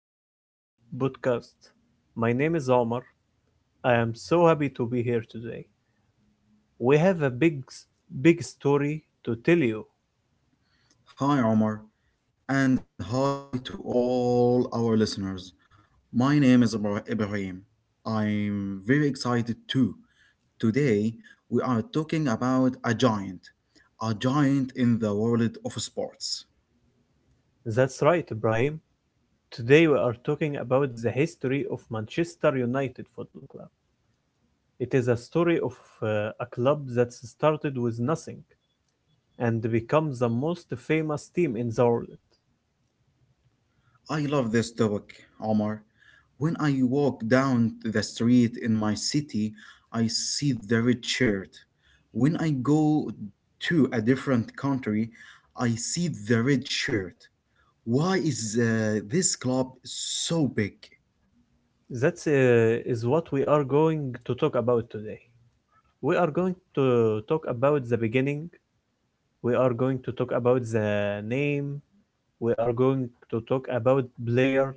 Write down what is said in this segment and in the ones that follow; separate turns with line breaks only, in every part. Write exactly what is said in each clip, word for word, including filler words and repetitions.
special podcast. My name is Omar. I am so happy to be here today. We have a big, big story to tell you.
Hi, Omar, and hi to all our listeners. My name is Ibra- Ibrahim. I'm very excited too. Today, we are talking about a giant, a giant in the world of sports.
That's right, Ibrahim. Today we are talking about the history of Manchester United Football Club. It is a story of uh, a club that started with nothing and become the most famous team in the world.
I love this topic, Omar. When I walk down the street in my city, I see the red shirt. When I go to a different country, I see the red shirt. Why is uh, this club so big?
That uh, is what we are going to talk about today. We are going to talk about the beginning. We are going to talk about the name. We are going to talk about players.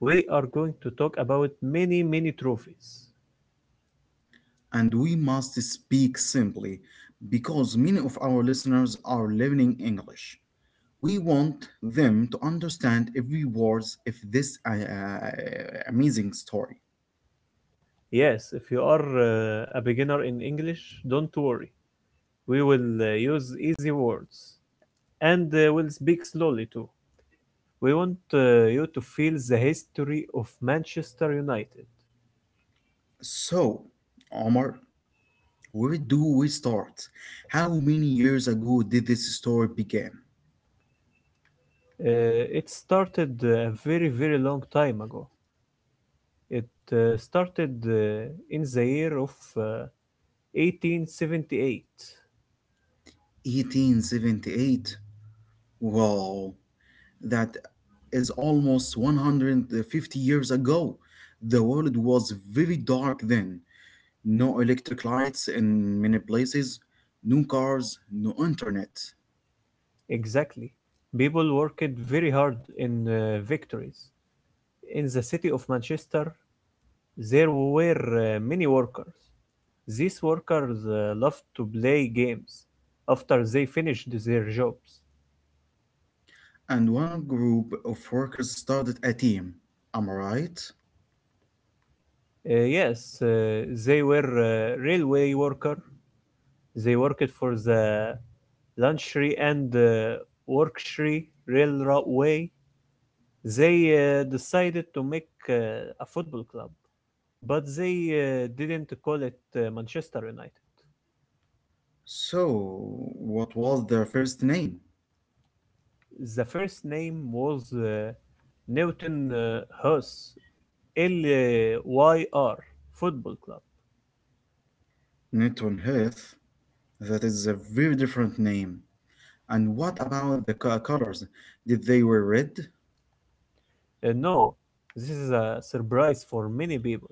We are going to talk about many, many trophies.
And we must speak simply because many of our listeners are learning English. We want them to understand every word of this uh, uh, amazing story.
Yes, if you are uh, a beginner in English, don't worry. We will uh, use easy words, and uh, we'll speak slowly too. We want uh, you to feel the history of Manchester United.
So, Omar, where do we start? How many years ago did this story begin?
Uh, it started a very, very long time ago. It uh, started uh, in the year of uh, eighteen seventy-eight.
eighteen seventy-eight. Wow, that is almost one hundred fifty years ago. The world was very dark then. No electric lights in many places, no cars, no internet.
Exactly. People worked very hard in uh, victories. In the city of Manchester, there were uh, many workers. These workers uh, loved to play games after they finished their jobs.
And one group of workers started a team. Am I right?
Uh, yes, uh, they were uh, railway worker. They worked for the Lancashire and uh, Warwickshire Railway. They uh, decided to make uh, a football club, but they uh, didn't call it uh, Manchester United.
So, what was their first name?
The first name was uh, Newton uh, Hus L Y R Football Club.
Newton Heath. That is a very different name. And what about the colors? Did they were red,
Uh, no, this is a surprise for many people.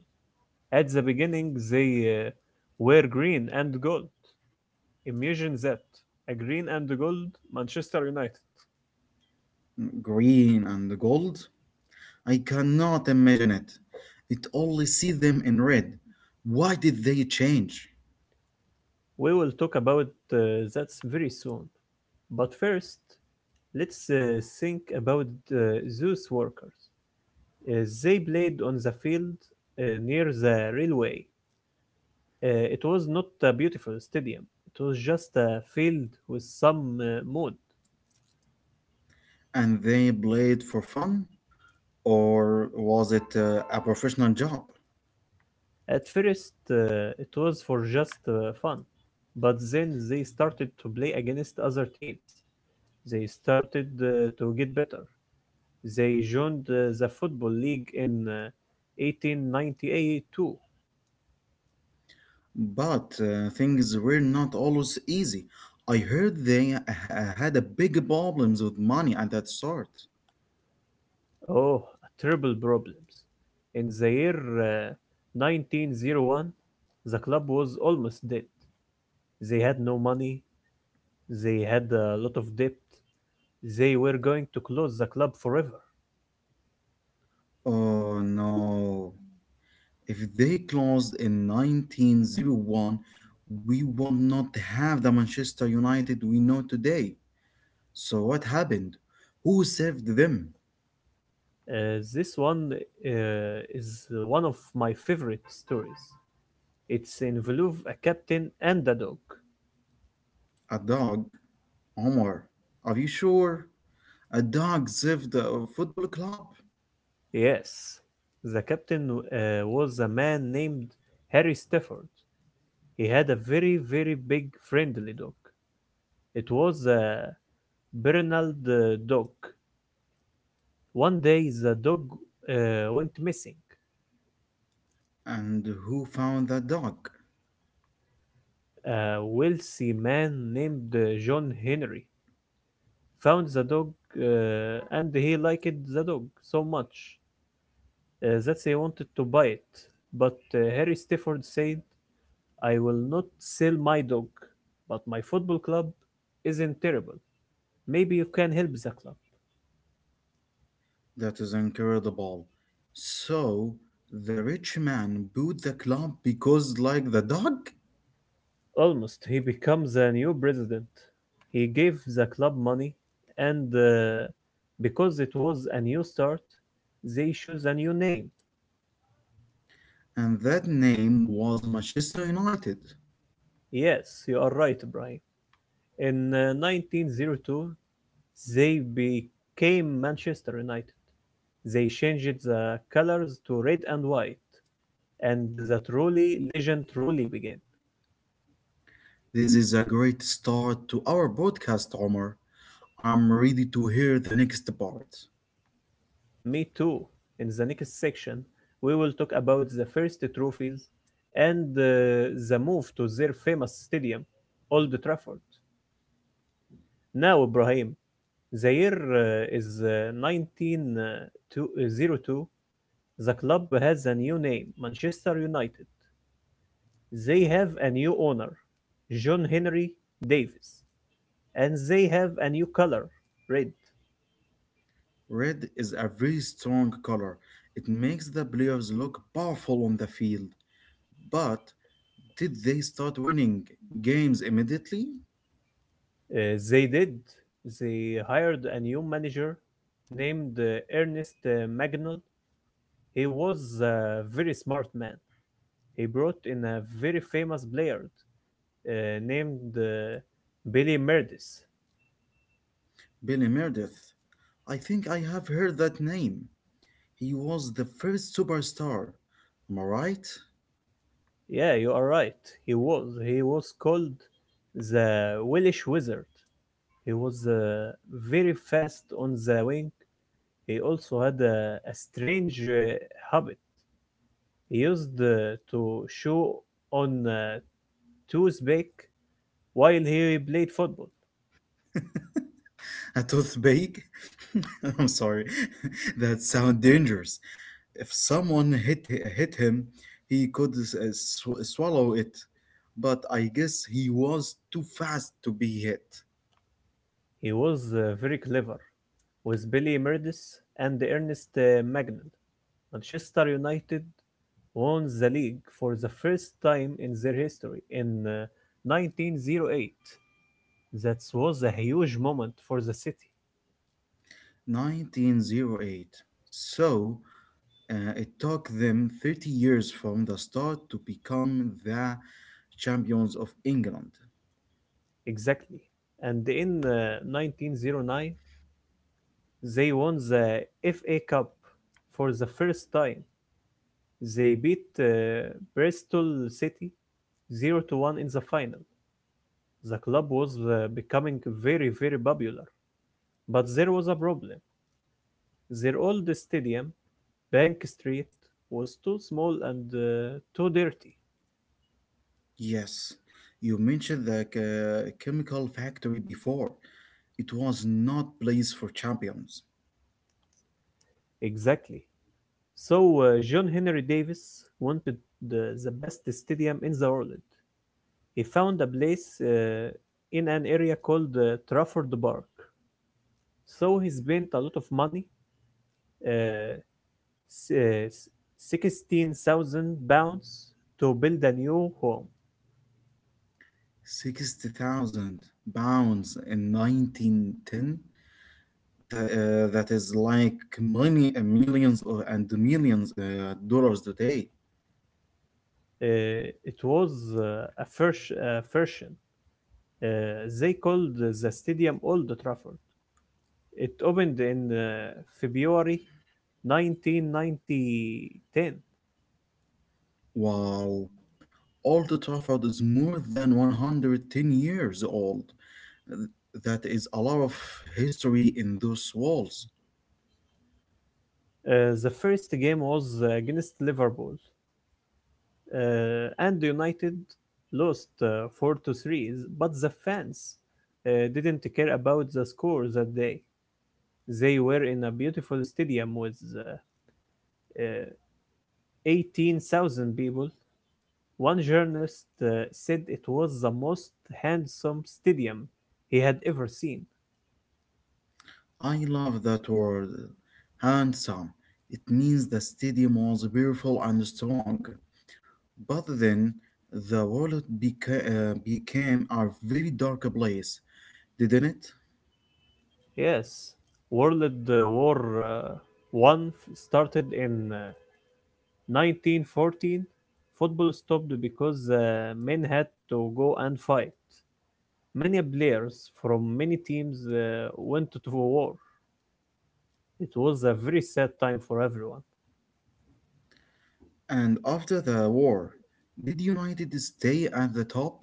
At the beginning, they uh, were green and gold. Imagine that, a green and gold Manchester United.
green, and gold? I cannot imagine it. It only see them in red. Why did they change?
We will talk about uh, that very soon. But first, let's uh, think about uh, those workers. Uh, they played on the field uh, near the railway. Uh, it was not a beautiful stadium. It was just a field with some uh, mud.
And they played for fun? Or was it uh, a professional job?
At first, uh, it was for just uh, fun, but then they started to play against other teams. They started uh, to get better. They joined uh, the Football League in uh, eighteen ninety-two.
But uh, things were not always easy. I heard they ha- had a big problems with money at that start.
Oh, terrible problems. In the year uh, nineteen oh one, the club was almost dead. They had no money, they had a lot of debt, they were going to close the club forever.
Oh no. If they closed in nineteen oh one, we would not have the Manchester United we know today. So what happened? Who saved them?
Uh, this one uh, is one of my favorite stories. It's involved a captain and a dog.
A dog? Omar, are you sure? A dog saved a football club?
Yes, the captain uh, was a man named Harry Stafford. He had a very, very big friendly dog. It was a Bernard the dog. One day the dog uh, went missing.
And who found that dog?
A wealthy man named uh, John Henry found the dog uh, and he liked the dog so much uh, that he wanted to buy it. But uh, Harry Stafford said, I will not sell my dog, but my football club isn't terrible. Maybe you can help the club.
That is incredible. So the rich man bought the club because like the dog?
Almost, he becomes a new president. He gave the club money, and uh, because it was a new start, they chose a new name.
And that name was Manchester United.
Yes, you are right, Brian. In uh, nineteen oh two, they became Manchester United. They changed the colors to red and white, and the truly legend truly began.
This is a great start to our broadcast, Omar. I'm ready to hear the next part.
Me too. In the next section, we will talk about the first trophies and uh, the move to their famous stadium, Old Trafford. Now, Ibrahim, the year uh, is uh, nineteen oh two. The club has a new name, Manchester United. They have a new owner, John Henry Davis, and they have a new color, red.
Red is a very strong color. It makes the players look powerful on the field. But did they start winning games immediately?
Uh, they did. They hired a new manager named uh, Ernest uh, Magnol. He was a very smart man. He brought in a very famous player uh, named uh, Billy Meredith.
Billy Meredith. I think I have heard that name. He was the first superstar. Am I right?
Yeah, you are right. He was. He was called the Welsh Wizard. He was uh, very fast on the wing. He also had a, a strange uh, habit. He used uh, to chew on uh, toothpick while he played football.
A toothpick? I'm sorry. that sounds dangerous. If someone hit hit him, he could s- uh, sw- swallow it. But I guess he was too fast to be hit.
He was uh, very clever. With Billy Meredith and Ernest uh, Magnell, Manchester United won the league for the first time in their history in uh, nineteen oh eight. That was a huge moment for the city,
nineteen oh eight. So uh, it took them thirty years from the start to become the champions of England.
exactly. And in uh, nineteen oh nine, they won the F A Cup for the first time. They beat uh, Bristol City zero to one in the final. The club was uh, becoming very, very popular, but there was a problem. Their old stadium, Bank Street, was too small and uh, too dirty.
Yes, you mentioned the uh, chemical factory before. It was not place for champions.
Exactly. So uh, John Henry Davis wanted the, the best stadium in the world. He found a place uh, in an area called uh, Trafford Park. So he spent a lot of money, uh, s- uh, sixteen thousand pounds, to build a new home.
sixty thousand pounds in nineteen ten. That, uh, that is like million, millions or, and millions uh, dollars today.
Uh, it was uh, a first a version. Uh, they called the stadium Old Trafford. It opened in uh, February nineteen ten.
Wow. Old Trafford is more than one hundred ten years old. Th- That is a lot of history in those walls.
Uh, the first game was uh, against Liverpool, uh, and United lost uh, four to three, but the fans uh, didn't care about the score that day. They were in a beautiful stadium with uh, uh, eighteen thousand people. One journalist uh, said it was the most handsome stadium he had ever seen.
I love that word, handsome. It means the stadium was beautiful and strong. But then the world beca- uh, became a very dark place, didn't it?
Yes, World uh, War uh, One f- started in uh, nineteen fourteen. Football stopped because uh, men had to go and fight. Many players from many teams uh, went to war. It was a very sad time for everyone.
And after the war, did United stay at the top?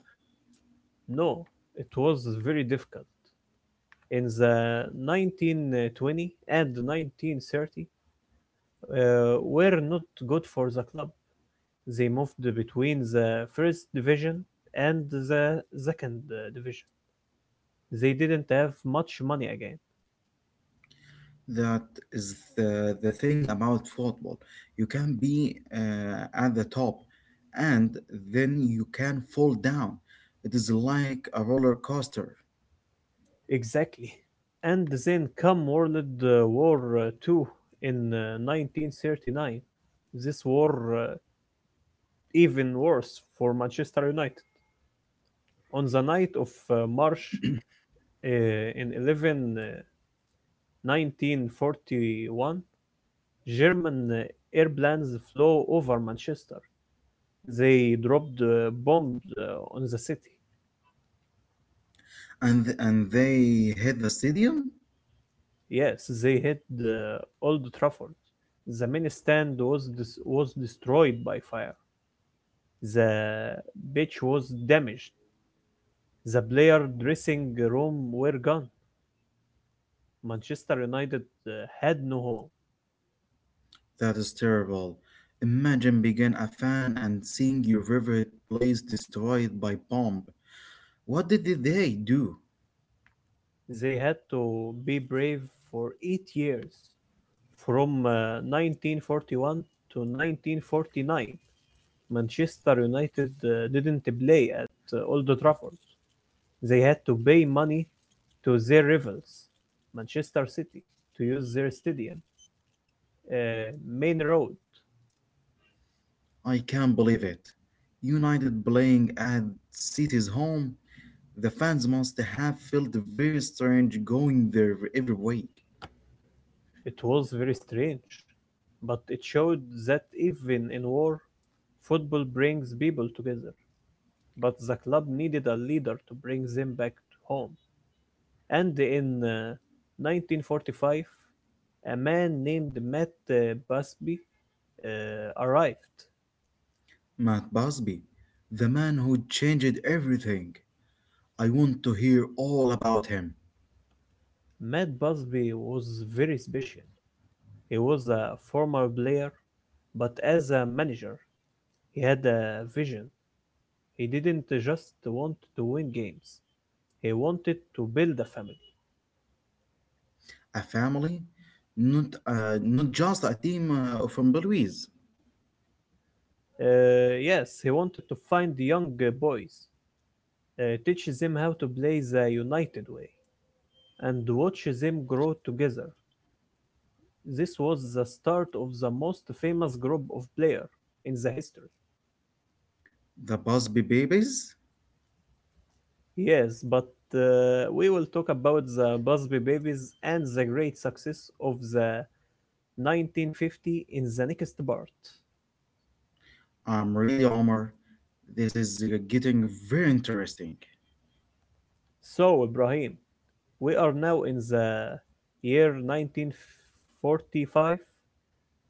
No, it was very difficult. In the nineteen twenty and nineteen thirty, uh, were not good for the club. They moved between the first division and the second uh, division. They didn't have much money again.
That is the, the thing about football. You can be uh, at the top and then you can fall down. It is like a roller coaster.
Exactly. And then come World uh, War uh, two in uh, nineteen thirty-nine. This war uh, even worse for Manchester United. On the night of uh, March uh, in eleven uh, nineteen forty-one, German uh, airplanes flew over Manchester. They dropped uh, bombs uh, on the city.
And, and they hit the stadium?
Yes, they hit uh, Old Trafford. The main stand was dis- was destroyed by fire. The pitch was damaged. The player dressing room were gone. Manchester United uh, had no home.
That is terrible. Imagine being a fan and seeing your favorite place destroyed by bomb. What did they do?
They had to be brave for eight years, from uh, nineteen forty-one to nineteen forty-nine. Manchester United uh, didn't play at uh, Old Trafford. They had to pay money to their rivals, Manchester City, to use their stadium, uh, Main Road.
I can't believe it. United playing at City's home. The fans must have felt very strange going there every week.
It was very strange, but it showed that even in war, football brings people together. But the club needed a leader to bring them back home. And in uh, nineteen forty-five, a man named Matt uh, Busby uh, arrived.
Matt Busby, the man who changed everything. I want to hear all about him.
Matt Busby was very special. He was a former player, but as a manager, he had a vision. He didn't just want to win games. He wanted to build a family.
A family, not uh, not just a team uh, from Belize.
Uh, yes, he wanted to find young uh, boys, uh, teach them how to play the United way, and watch them grow together. This was the start of the most famous group of players in the history.
The Busby babies?
Yes, but uh, we will talk about the Busby Babies and the great success of the nineteen fifty in the next part.
I'm really Omar. This is uh, getting very interesting.
So, Ibrahim, we are now in the year nineteen forty-five.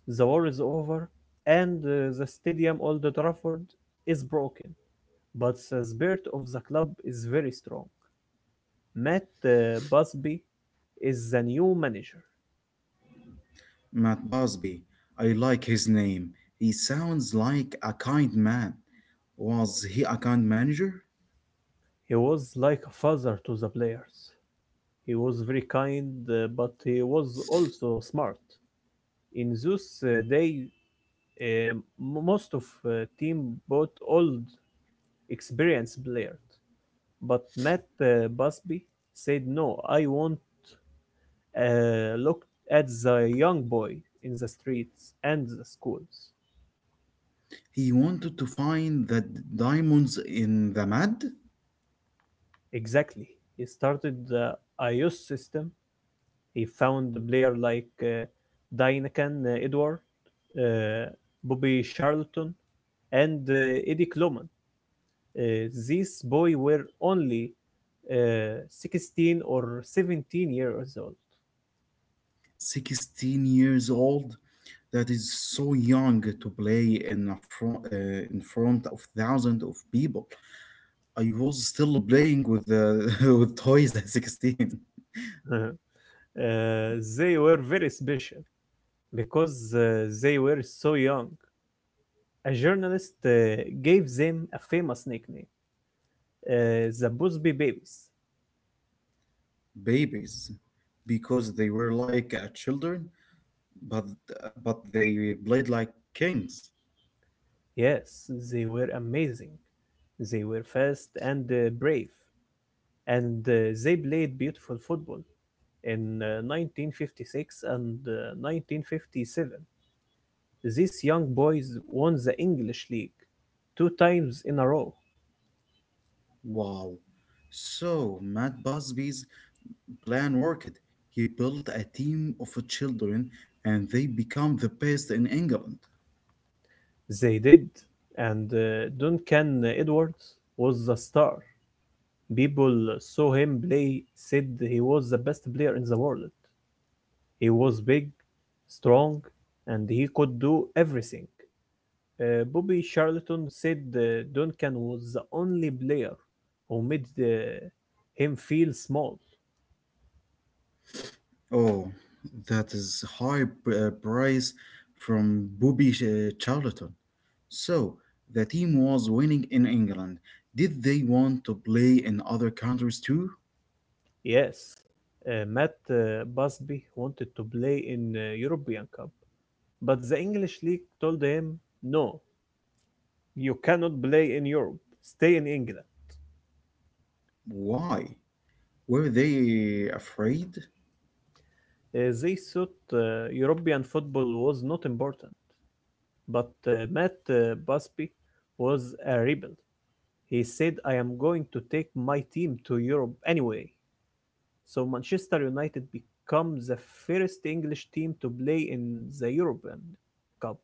The war is over, and uh, the stadium Old Trafford is broken, but the spirit of the club is very strong. Matt uh, Busby is the new manager.
Matt Busby, I like his name. He sounds like a kind man. Was he a kind manager?
He was like a father to the players. He was very kind, uh, but he was also smart. In those uh, days, Um, most of uh, team bought old, experienced players, but Matt uh, Busby said, "No, I want uh, look at the young boy in the streets and the schools."
He wanted to find the d- diamonds in the mud?
Exactly. He started the I O S system. He found the player like uh, Dynakan uh, Edward, uh, Bobby Charlton, and uh, Eddie Kloman. uh, these boys were only uh, sixteen or seventeen years old.
sixteen years old? That is so young to play in, a front, uh, in front of thousands of people. I was still playing with, uh, with toys at sixteen.
Uh-huh. Uh, they were very special because uh, they were so young. A journalist uh, gave them a famous nickname, uh, the Busby Babies.
babies because they were like uh, children, but uh, but they played like kings.
Yes, they were amazing. They were fast and uh, brave, and uh, they played beautiful football in uh, nineteen fifty-six and uh, nineteen fifty-seven. These young boys won the English League two times in a row.
Wow. So Matt Busby's plan worked. He built a team of children and they become the best in England.
They did, and uh, Duncan Edwards was the star. People saw him play, said he was the best player in the world. He was big, strong, and he could do everything. Uh, Bobby Charlton said uh, Duncan was the only player who made uh, him feel small.
Oh, that is high p- uh, praise from Bobby uh, Charlton. So, the team was winning in England. Did they want to play in other countries too?
Yes, uh, Matt uh, Busby wanted to play in uh, European Cup, but the English league told him, "No, you cannot play in Europe. Stay in England."
Why? Were they afraid?
Uh, they thought uh, European football was not important, but uh, Matt uh, Busby was a rebel. He said, "I am going to take my team to Europe anyway." So Manchester United become the first English team to play in the European Cup.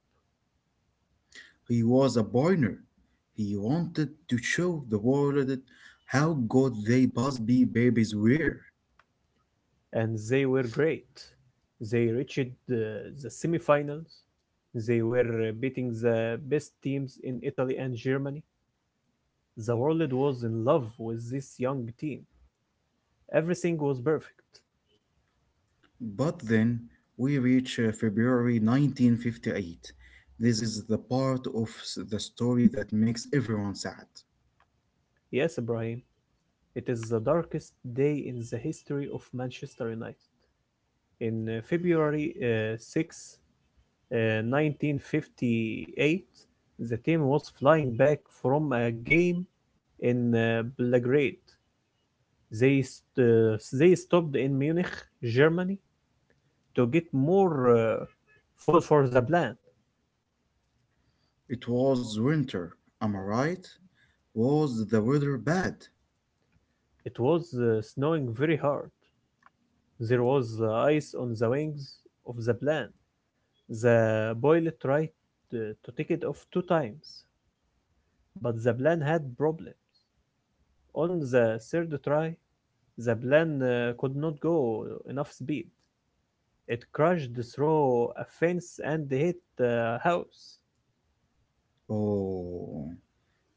He was a pioneer. He wanted to show the world how good they Busby babies were.
And they were great. They reached the, the semifinals. They were uh, beating the best teams in Italy and Germany. The world was in love with this young team. Everything was perfect.
But then we reach uh, February nineteen fifty-eight. This is the part of s- the story that makes everyone sad.
Yes, Ibrahim, it is the darkest day in the history of Manchester United. In uh, February uh, six, uh, nineteen fifty-eight, the team was flying back from a game in uh, Belgrade. They st- they stopped in Munich, Germany, to get more uh, fuel for the plane.
It was winter, am I right? Was the weather bad?
It was uh, snowing very hard. There was uh, ice on the wings of the plane. The pilot tried uh, to take it off two times, but the plane had problems. On the third try, the plane uh, could not go enough speed. It crashed through a fence and hit a house.
Oh,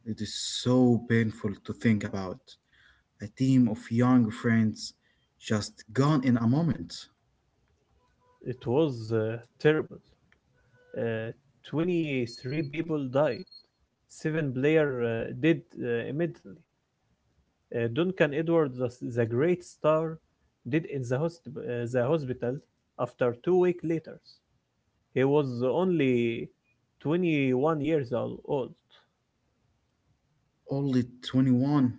it is so painful to think about. a team of young friends just gone in a moment.
It was uh, terrible. uh, twenty-three people died. Seven players uh, did uh, immediately. Uh, Duncan Edwards, the, the great star, did in the, hosp uh, the hospital after two weeks later. He was only twenty-one years old.
Only twenty-one.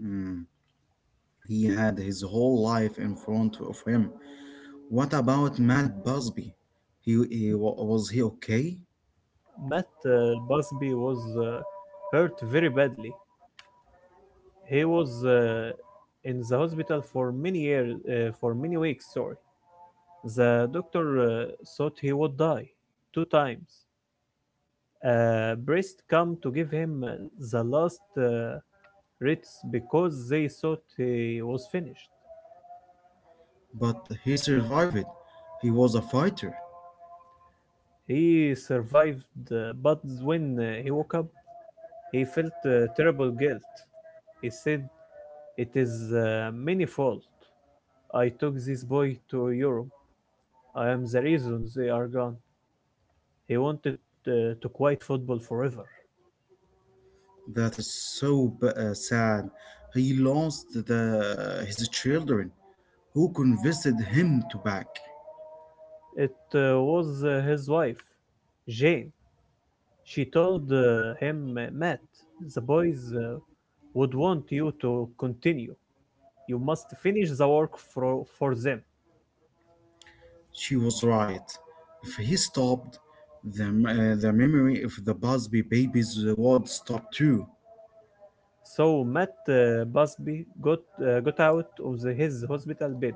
Hmm, He had his whole life in front of him. What about Matt Busby? He, he wa- was he okay?
Matt uh, Busby was uh, hurt very badly. He was uh, in the hospital for many years, uh, for many weeks. Sorry, the doctor uh, thought he would die two times. Uh, Priest come to give him uh, the last uh, rites because they thought he was finished.
But he survived. He was a fighter.
He survived, uh, but when uh, he woke up, he felt uh, terrible guilt. He said, "It is uh, many fault. I took this boy to Europe. I am the reason they are gone." He wanted uh, to quit football forever.
That is so b- uh, sad. He lost the his children, who convinced him to back.
It uh, was uh, his wife, Jane. She told uh, him, "Matt, the boys uh, would want you to continue. You must finish the work for, for them."
She was right. If he stopped, the, m- uh, the memory of the Busby babies would stop too.
So Matt uh, Busby got, uh, got out of the, his hospital bed.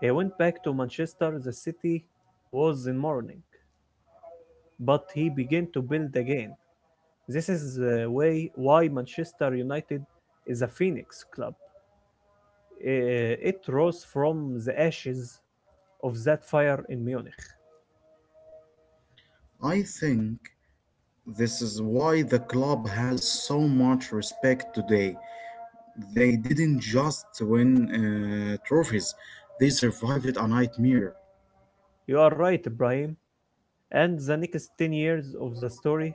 He went back to Manchester. The city was in mourning, but he began to build again. This is the way why Manchester United is a phoenix club. Uh, It rose from the ashes of that fire in Munich.
I think this is why the club has so much respect today. They didn't just win uh, trophies, they survived a nightmare.
You are right, Ibrahim, and the next ten years of the story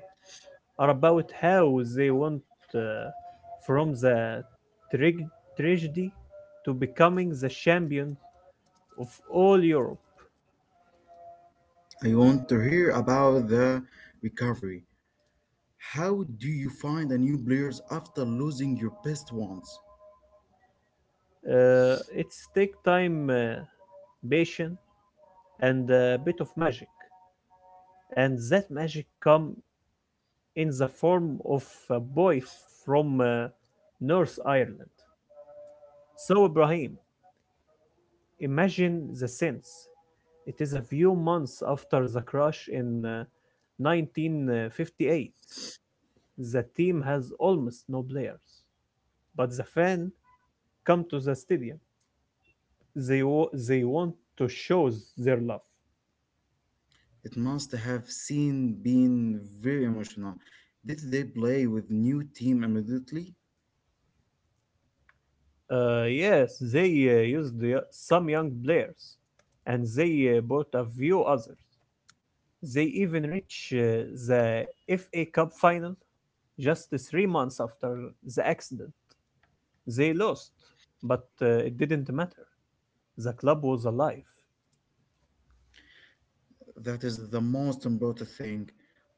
are about how they went uh, from the trag- tragedy to becoming the champions of all Europe.
I want to hear about the recovery. How do you find a new players after losing your best ones?
Uh, it's take time, uh, patience, and a bit of magic, and that magic come in the form of a boy from uh, North Ireland. So Ibrahim, imagine the scenes. It is a few months after the crash in uh, nineteen fifty-eight. The team has almost no players, but the fans come to the stadium. They wa- they want to show their love.
It must have seen been very emotional. Did they play with new team immediately?
Uh, yes, they uh, used the, uh, some young players, and they uh, bought a few others. They even reached uh, the F A Cup final just three months after the accident. They lost, but uh, it didn't matter. The club was alive.
That is the most important thing.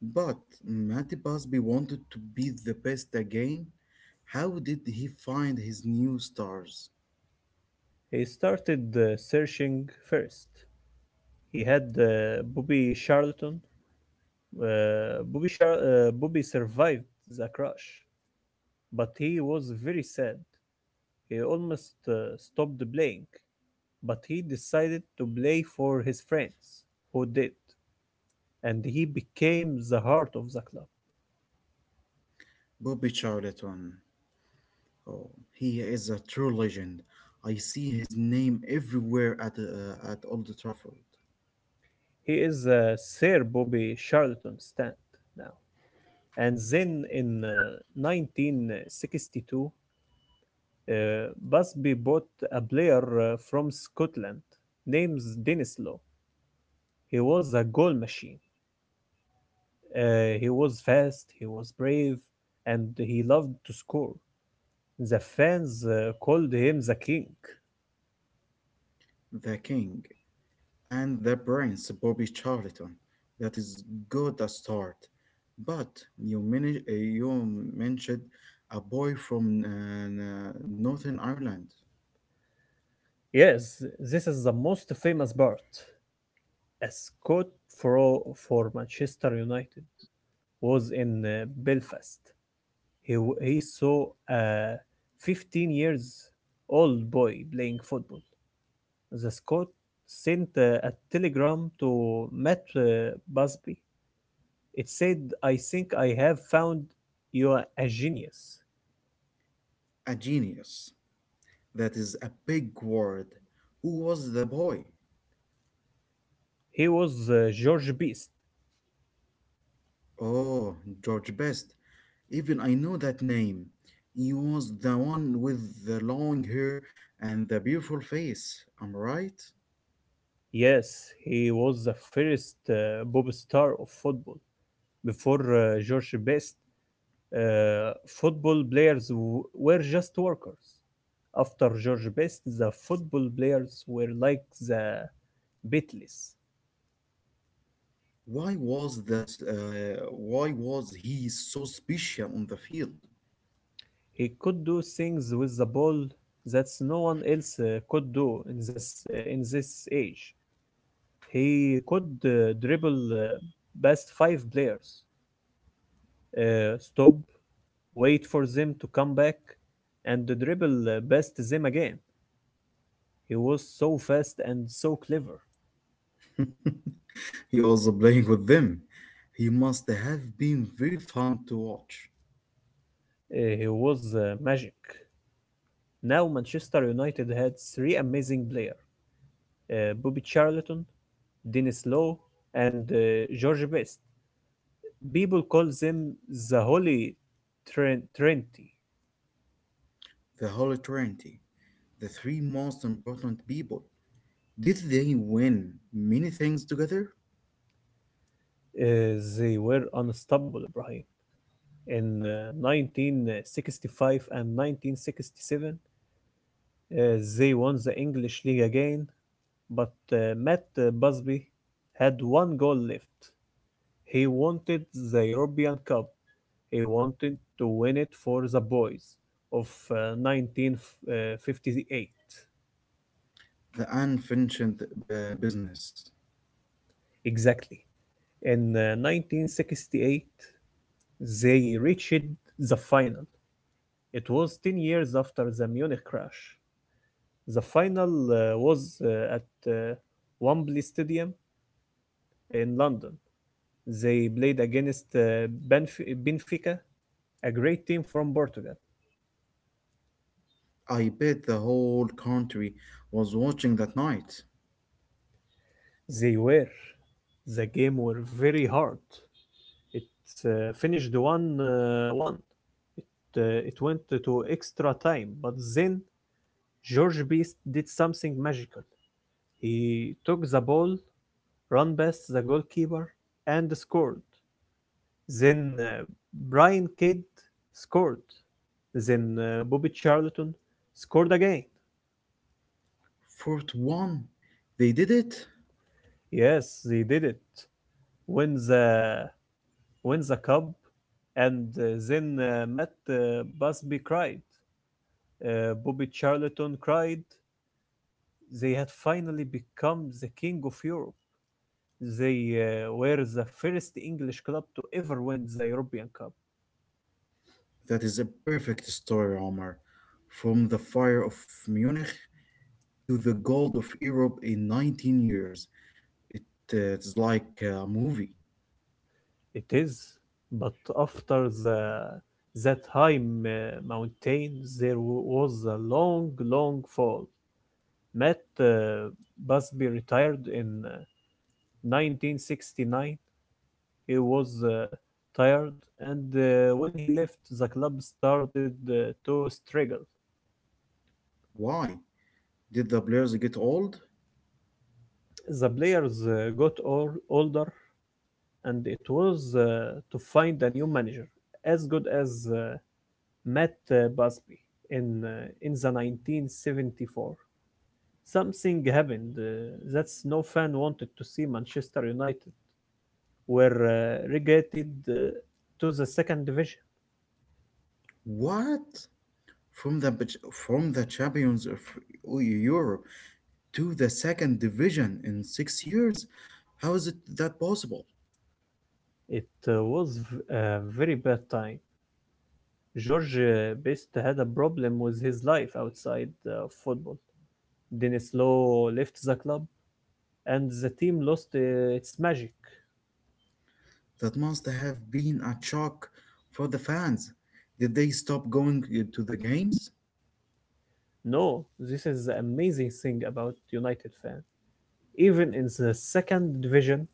But Matty Busby wanted to be the best again. How did he find his new stars?
He started uh, searching first. He had uh, Bobby Charlton. Uh, Bobby, Char- uh, Bobby survived the crash, but he was very sad. He almost uh, stopped playing, but he decided to play for his friends, who did, and he became the heart of the club.
Bobby Charlton. Oh, he is a true legend. I see his name everywhere at uh, at Old Trafford.
He is a Sir Bobby Charlton stand now. And then in uh, nineteen sixty-two, Uh, Busby bought a player uh, from Scotland named Denislow. He was a goal machine. Uh, he was fast, he was brave, and he loved to score. The fans uh, called him the king.
The King. and the brains Bobby Charlton. That is good a start. But you, mani- uh, you mentioned a boy from uh, n- Northern Ireland,
Yes, this is the most famous part. A Scot for, for Manchester United was in uh, Belfast. He, w- he saw a fifteen years old boy playing football. The Scot sent uh, a telegram to Matt uh, Busby. It said, "I think I have found you are a genius."
a genius. That is a big word. Who was the boy?
He was uh, George Best.
Oh, George Best. Even I know that name. He was the one with the long hair and the beautiful face. Am I right?
Yes, he was the first uh, Bob star of football. Before uh, George Best, uh, football players w- were just workers. After George Best, the football players were like the beatles.
Why was this? Uh, why was he so special on the field?
He could do things with the ball that no one else uh, could do in this uh, in this age. He could uh, dribble uh, past five players, uh, stop, wait for them to come back, and dribble uh, past them again. He was so fast and so clever.
he was playing with them. He must have been very fun to watch.
Uh, he was uh, magic. Now Manchester United had three amazing players: uh, Bobby Charlton, Dennis Law, and uh, George Best. People call them the Holy Trin- Trinity.
The Holy Trinity, the three most important people. Did they win many things together?
Uh, they were unstoppable, Ibrahim. In uh, nineteen sixty-five and nineteen sixty-seven, uh, they won the English League again, but uh, Matt uh, Busby had one goal left. He wanted the European Cup. He wanted to win it for the boys of uh, nineteen fifty-eight.
The unfinished uh, business.
Exactly. In uh, nineteen sixty-eight, they reached the final. It was ten years after the Munich crash. The final uh, was uh, at uh, Wembley Stadium in London. They played against uh, Benf- Benfica, a great team from Portugal.
I bet the whole country was watching that night.
They were. The game were very hard. It uh, finished one uh, one. It, uh, it went to extra time, but then George Best did something magical. He took the ball run past the goalkeeper and scored. Then uh, Brian Kidd scored. Then uh, Bobby Charlton scored again.
Fourth one, they did it.
Yes, they did it. Win the win the cup, and uh, then uh, Matt uh, Busby cried. Uh, Bobby Charlton cried. They had finally become the king of Europe. They uh, were the first English club to ever win the European Cup.
That is a perfect story, Omar. From the fire of Munich to the gold of Europe in nineteen years. It, uh, it's like a movie.
It is, but after the that high m- mountain there w- was a long, long fall. Matt uh, Busby retired in uh, nineteen sixty-nine. He was uh, tired, and uh, when he left, the club started uh, to struggle.
Why? Did the players get old?
The players uh, got all, older, and it was uh, to find a new manager as good as uh, met uh, Busby in uh, in the nineteen seventy-four. Something happened uh, that no fan wanted to see. Manchester United were uh, relegated uh, to the second division.
What? From the from the champions of E-, Europe to the second division in six years? How is it that possible?
It uh, was a very bad time. George uh, Best had a problem with his life outside uh, football. Dennis Law left the club, and the team lost uh, its magic.
That must have been a shock for the fans. Did they stop going uh, to the games?
No, this is the amazing thing about United fans. Even in the second division,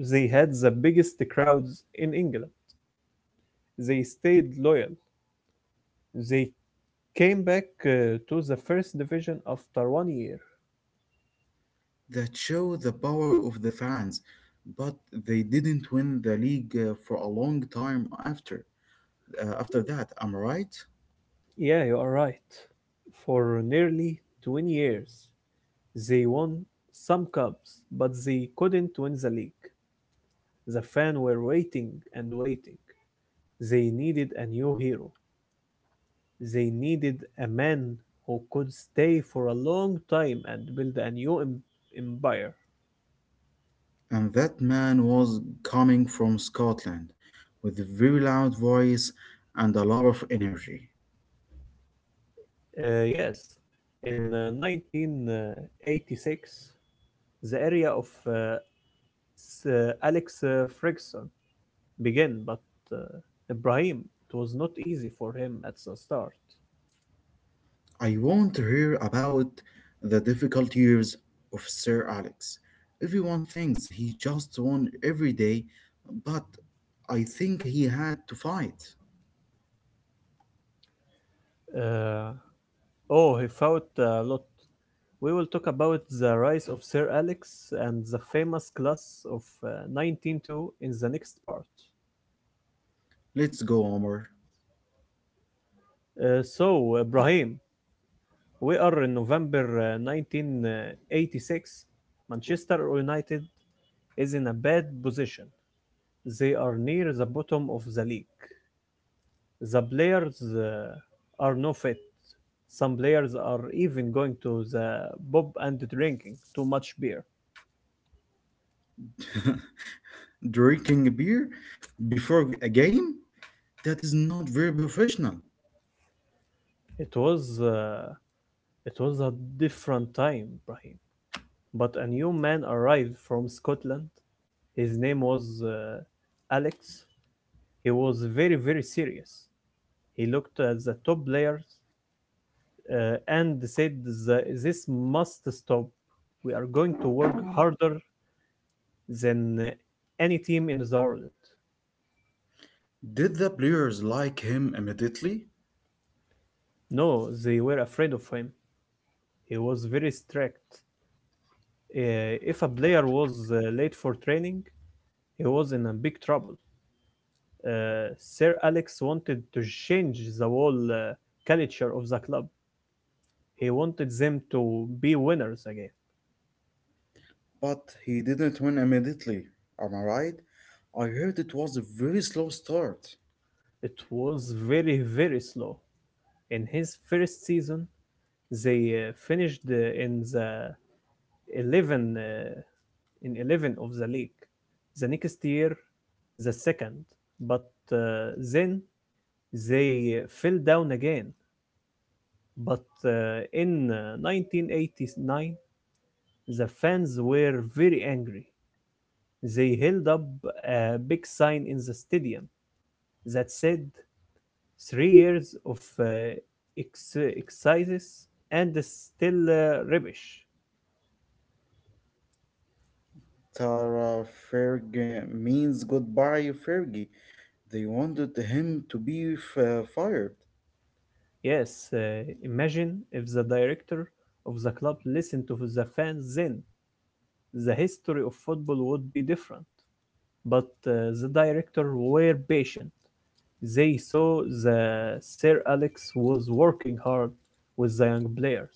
they had the biggest crowds in England. They stayed loyal. They came back uh, to the first division after one year.
that show the power of the fans, but they didn't win the league uh, for a long time after uh, after that. Am I right?
Yeah, you are right. For nearly twenty years, they won some cups, but they couldn't win the league. The fans were waiting and waiting. They needed a new hero. They needed a man who could stay for a long time and build a new empire.
And that man was coming from Scotland with a very loud voice and a lot of energy.
Uh, yes, in uh, nineteen eighty-six, the area of uh, S- uh, Alex uh, Ferguson began, but uh, Ibrahim, it was not easy for him at the start.
I want to hear about the difficult years of Sir Alex. Everyone thinks he just won every day, but I think he had to fight.
Uh, oh, he fought a lot. We will talk about the rise of Sir Alex and the famous class of uh, one ninety-two in the next part.
Let's go, Omar.
Uh, so, Ibrahim, we are in November uh, nineteen eighty-six. Manchester United is in a bad position. They are near the bottom of the league. The players uh, are no fit. Some players are even going to the pub and drinking too much beer.
drinking a beer before a game? That is not very professional.
It was uh, it was a different time, Brahim. But a new man arrived from Scotland. His name was uh, Alex. He was very, very serious. He looked at the top players uh, and said, "The- this must stop. We are going to work harder than uh, any team in the world."
Did the players like him immediately?
No, they were afraid of him. He was very strict. Uh, if a player was uh, late for training, he was in a big trouble. Uh, Sir Alex wanted to change the whole uh, culture of the club. He wanted them to be winners again.
But he didn't win immediately, am I right? I heard it was a very slow start.
It was very, very slow. In his first season, they uh, finished uh, in the eleven uh, in eleven of the league. The next year, the second, but uh, then they fell down again. But uh, in uh, nineteen eighty-nine, the fans were very angry. They held up a big sign in the stadium that said three years of uh, ex- exercises and still uh, rubbish.
Tara Fergie means goodbye, Fergie. They wanted him to be f- fired,
Yes, uh, imagine if the director of the club listened to the fans then. The history of football would be different. But uh, the director were patient. They saw that Sir Alex was working hard with the young players.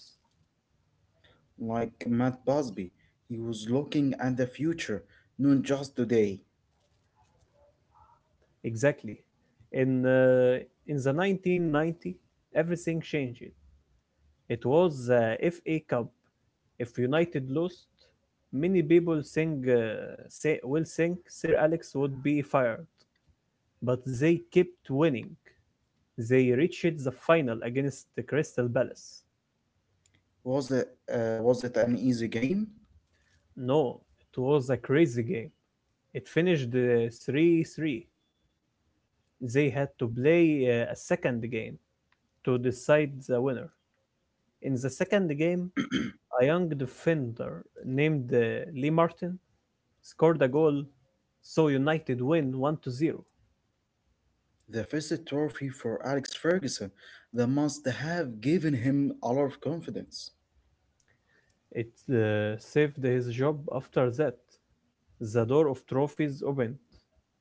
like Matt Busby. He was looking at the future, not just today.
Exactly. In, uh, in the nineteen ninety, everything changed. It was the F A Cup. If United lost, many people think, uh, say, will think Sir Alex would be fired, but they kept winning. They reached the final against the Crystal Palace.
Was it, uh, was it an easy game?
No, it was a crazy game. It finished uh, three three. They had to play uh, a second game to decide the winner. In the second game, a young defender named uh, Lee Martin scored a goal, so United win one to zero.
The first trophy for Alex Ferguson that must have given him a lot of confidence.
It uh, saved his job after that. The door of trophies opened.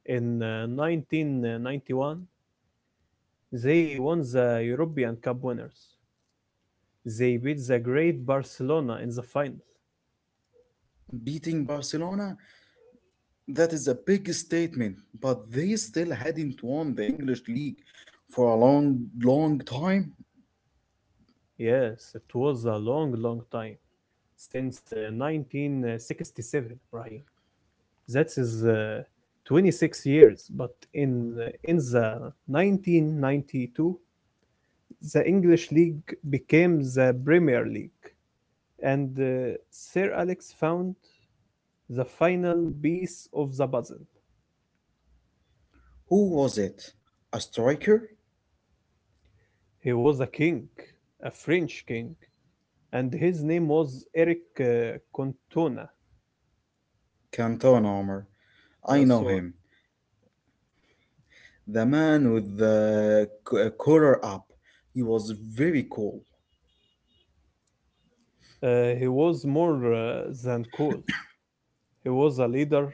In uh, nineteen ninety-one, they won the European Cup winners. They beat the great Barcelona in the final.
Beating Barcelona, that is a big statement, but they still hadn't won the English league for a long, long time.
Yes, it was a long, long time since uh, nineteen sixty-seven, Brahim. That is uh, twenty-six years. But in in the nineteen ninety-two, the English league became the Premier League, and uh, Sir Alex found the final piece of the puzzle.
Who was it? A striker?
He was a king, a French king, and his name was Eric uh, Cantona.
Cantona Omar. I
Yeah,
know
sorry.
him. The man with the c- uh, collar up. He was very cool.
Uh, he was more uh, than cool. He was a leader.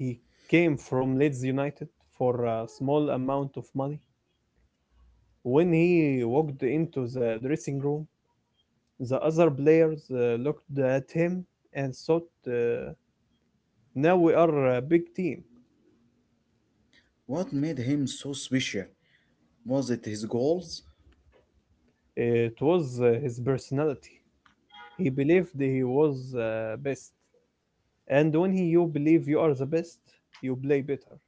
He came from Leeds United for a small amount of money. When he walked into the dressing room, the other players uh, looked at him and thought, uh, now we are a big team.
What made him so special? Was it his goals?
It was uh, his personality. He believed he was uh, best. And when he, you believe you are the best, you play better.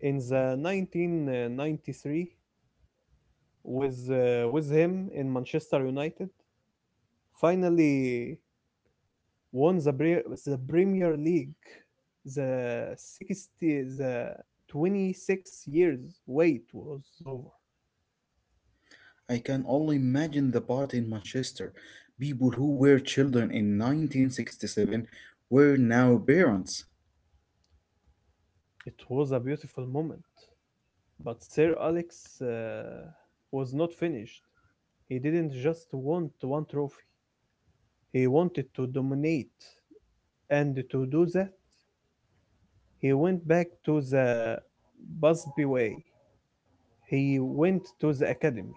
In the nineteen ninety-three with uh, with him in Manchester United, finally won the Pre- the Premier League. The sixty the twenty-six years wait was over.
I can only imagine the party in Manchester. People who were children in nineteen sixty-seven were now parents.
It was a beautiful moment, but Sir Alex uh, was not finished. He didn't just want one trophy. He wanted to dominate, and to do that, he went back to the Busby way. He went to the academy.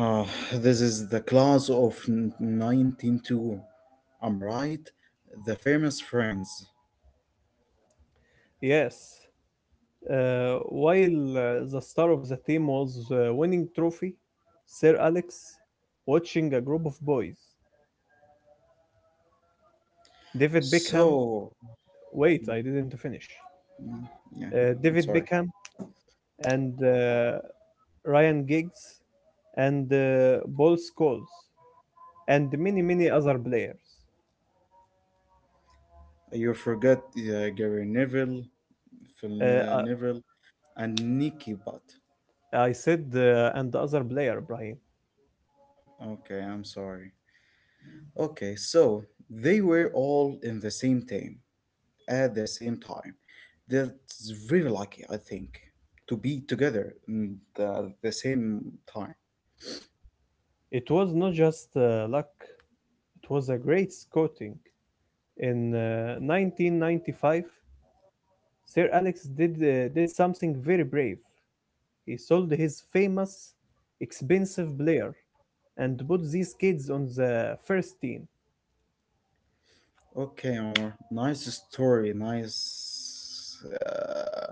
Ah, this is the class of one ninety-two. I'm right, the famous friends.
Yes. Uh, while uh, the star of the team was uh, winning trophy, Sir Alex watching a group of boys. David Beckham.
So,
Wait, I didn't finish.
mm, yeah,
Uh,
I'm
David
sorry.
Beckham and uh, Ryan Giggs and uh, Paul Scholes and many, many other players.
You forgot uh, Gary Neville, Phil uh,
Uh,
Neville, and Nicky Butt.
I I said uh, and the other player, Brian.
Okay, I'm sorry. Okay, so they were all in the same team. at the same time. That's very lucky, I think, to be together in the, the same time.
It was not just uh, luck, it was a great scouting. In uh, nineteen ninety-five, Sir Alex did, uh, did something very brave. He sold his famous, expensive player and put these kids on the first team.
Okay, Omar, nice story, nice uh,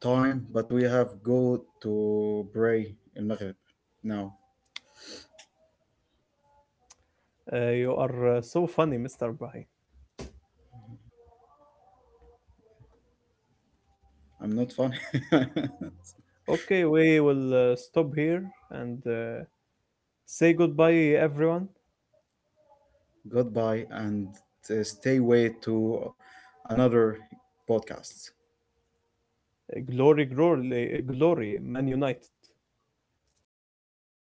time, but we have go to pray in Maghrib now.
Uh, you are uh, so funny, Mister Brahim.
I'm not funny.
Okay, we will uh, stop here and uh, say goodbye, everyone.
Goodbye and uh, stay way to another podcast.
Uh, Glory, glory, uh, glory, Man United.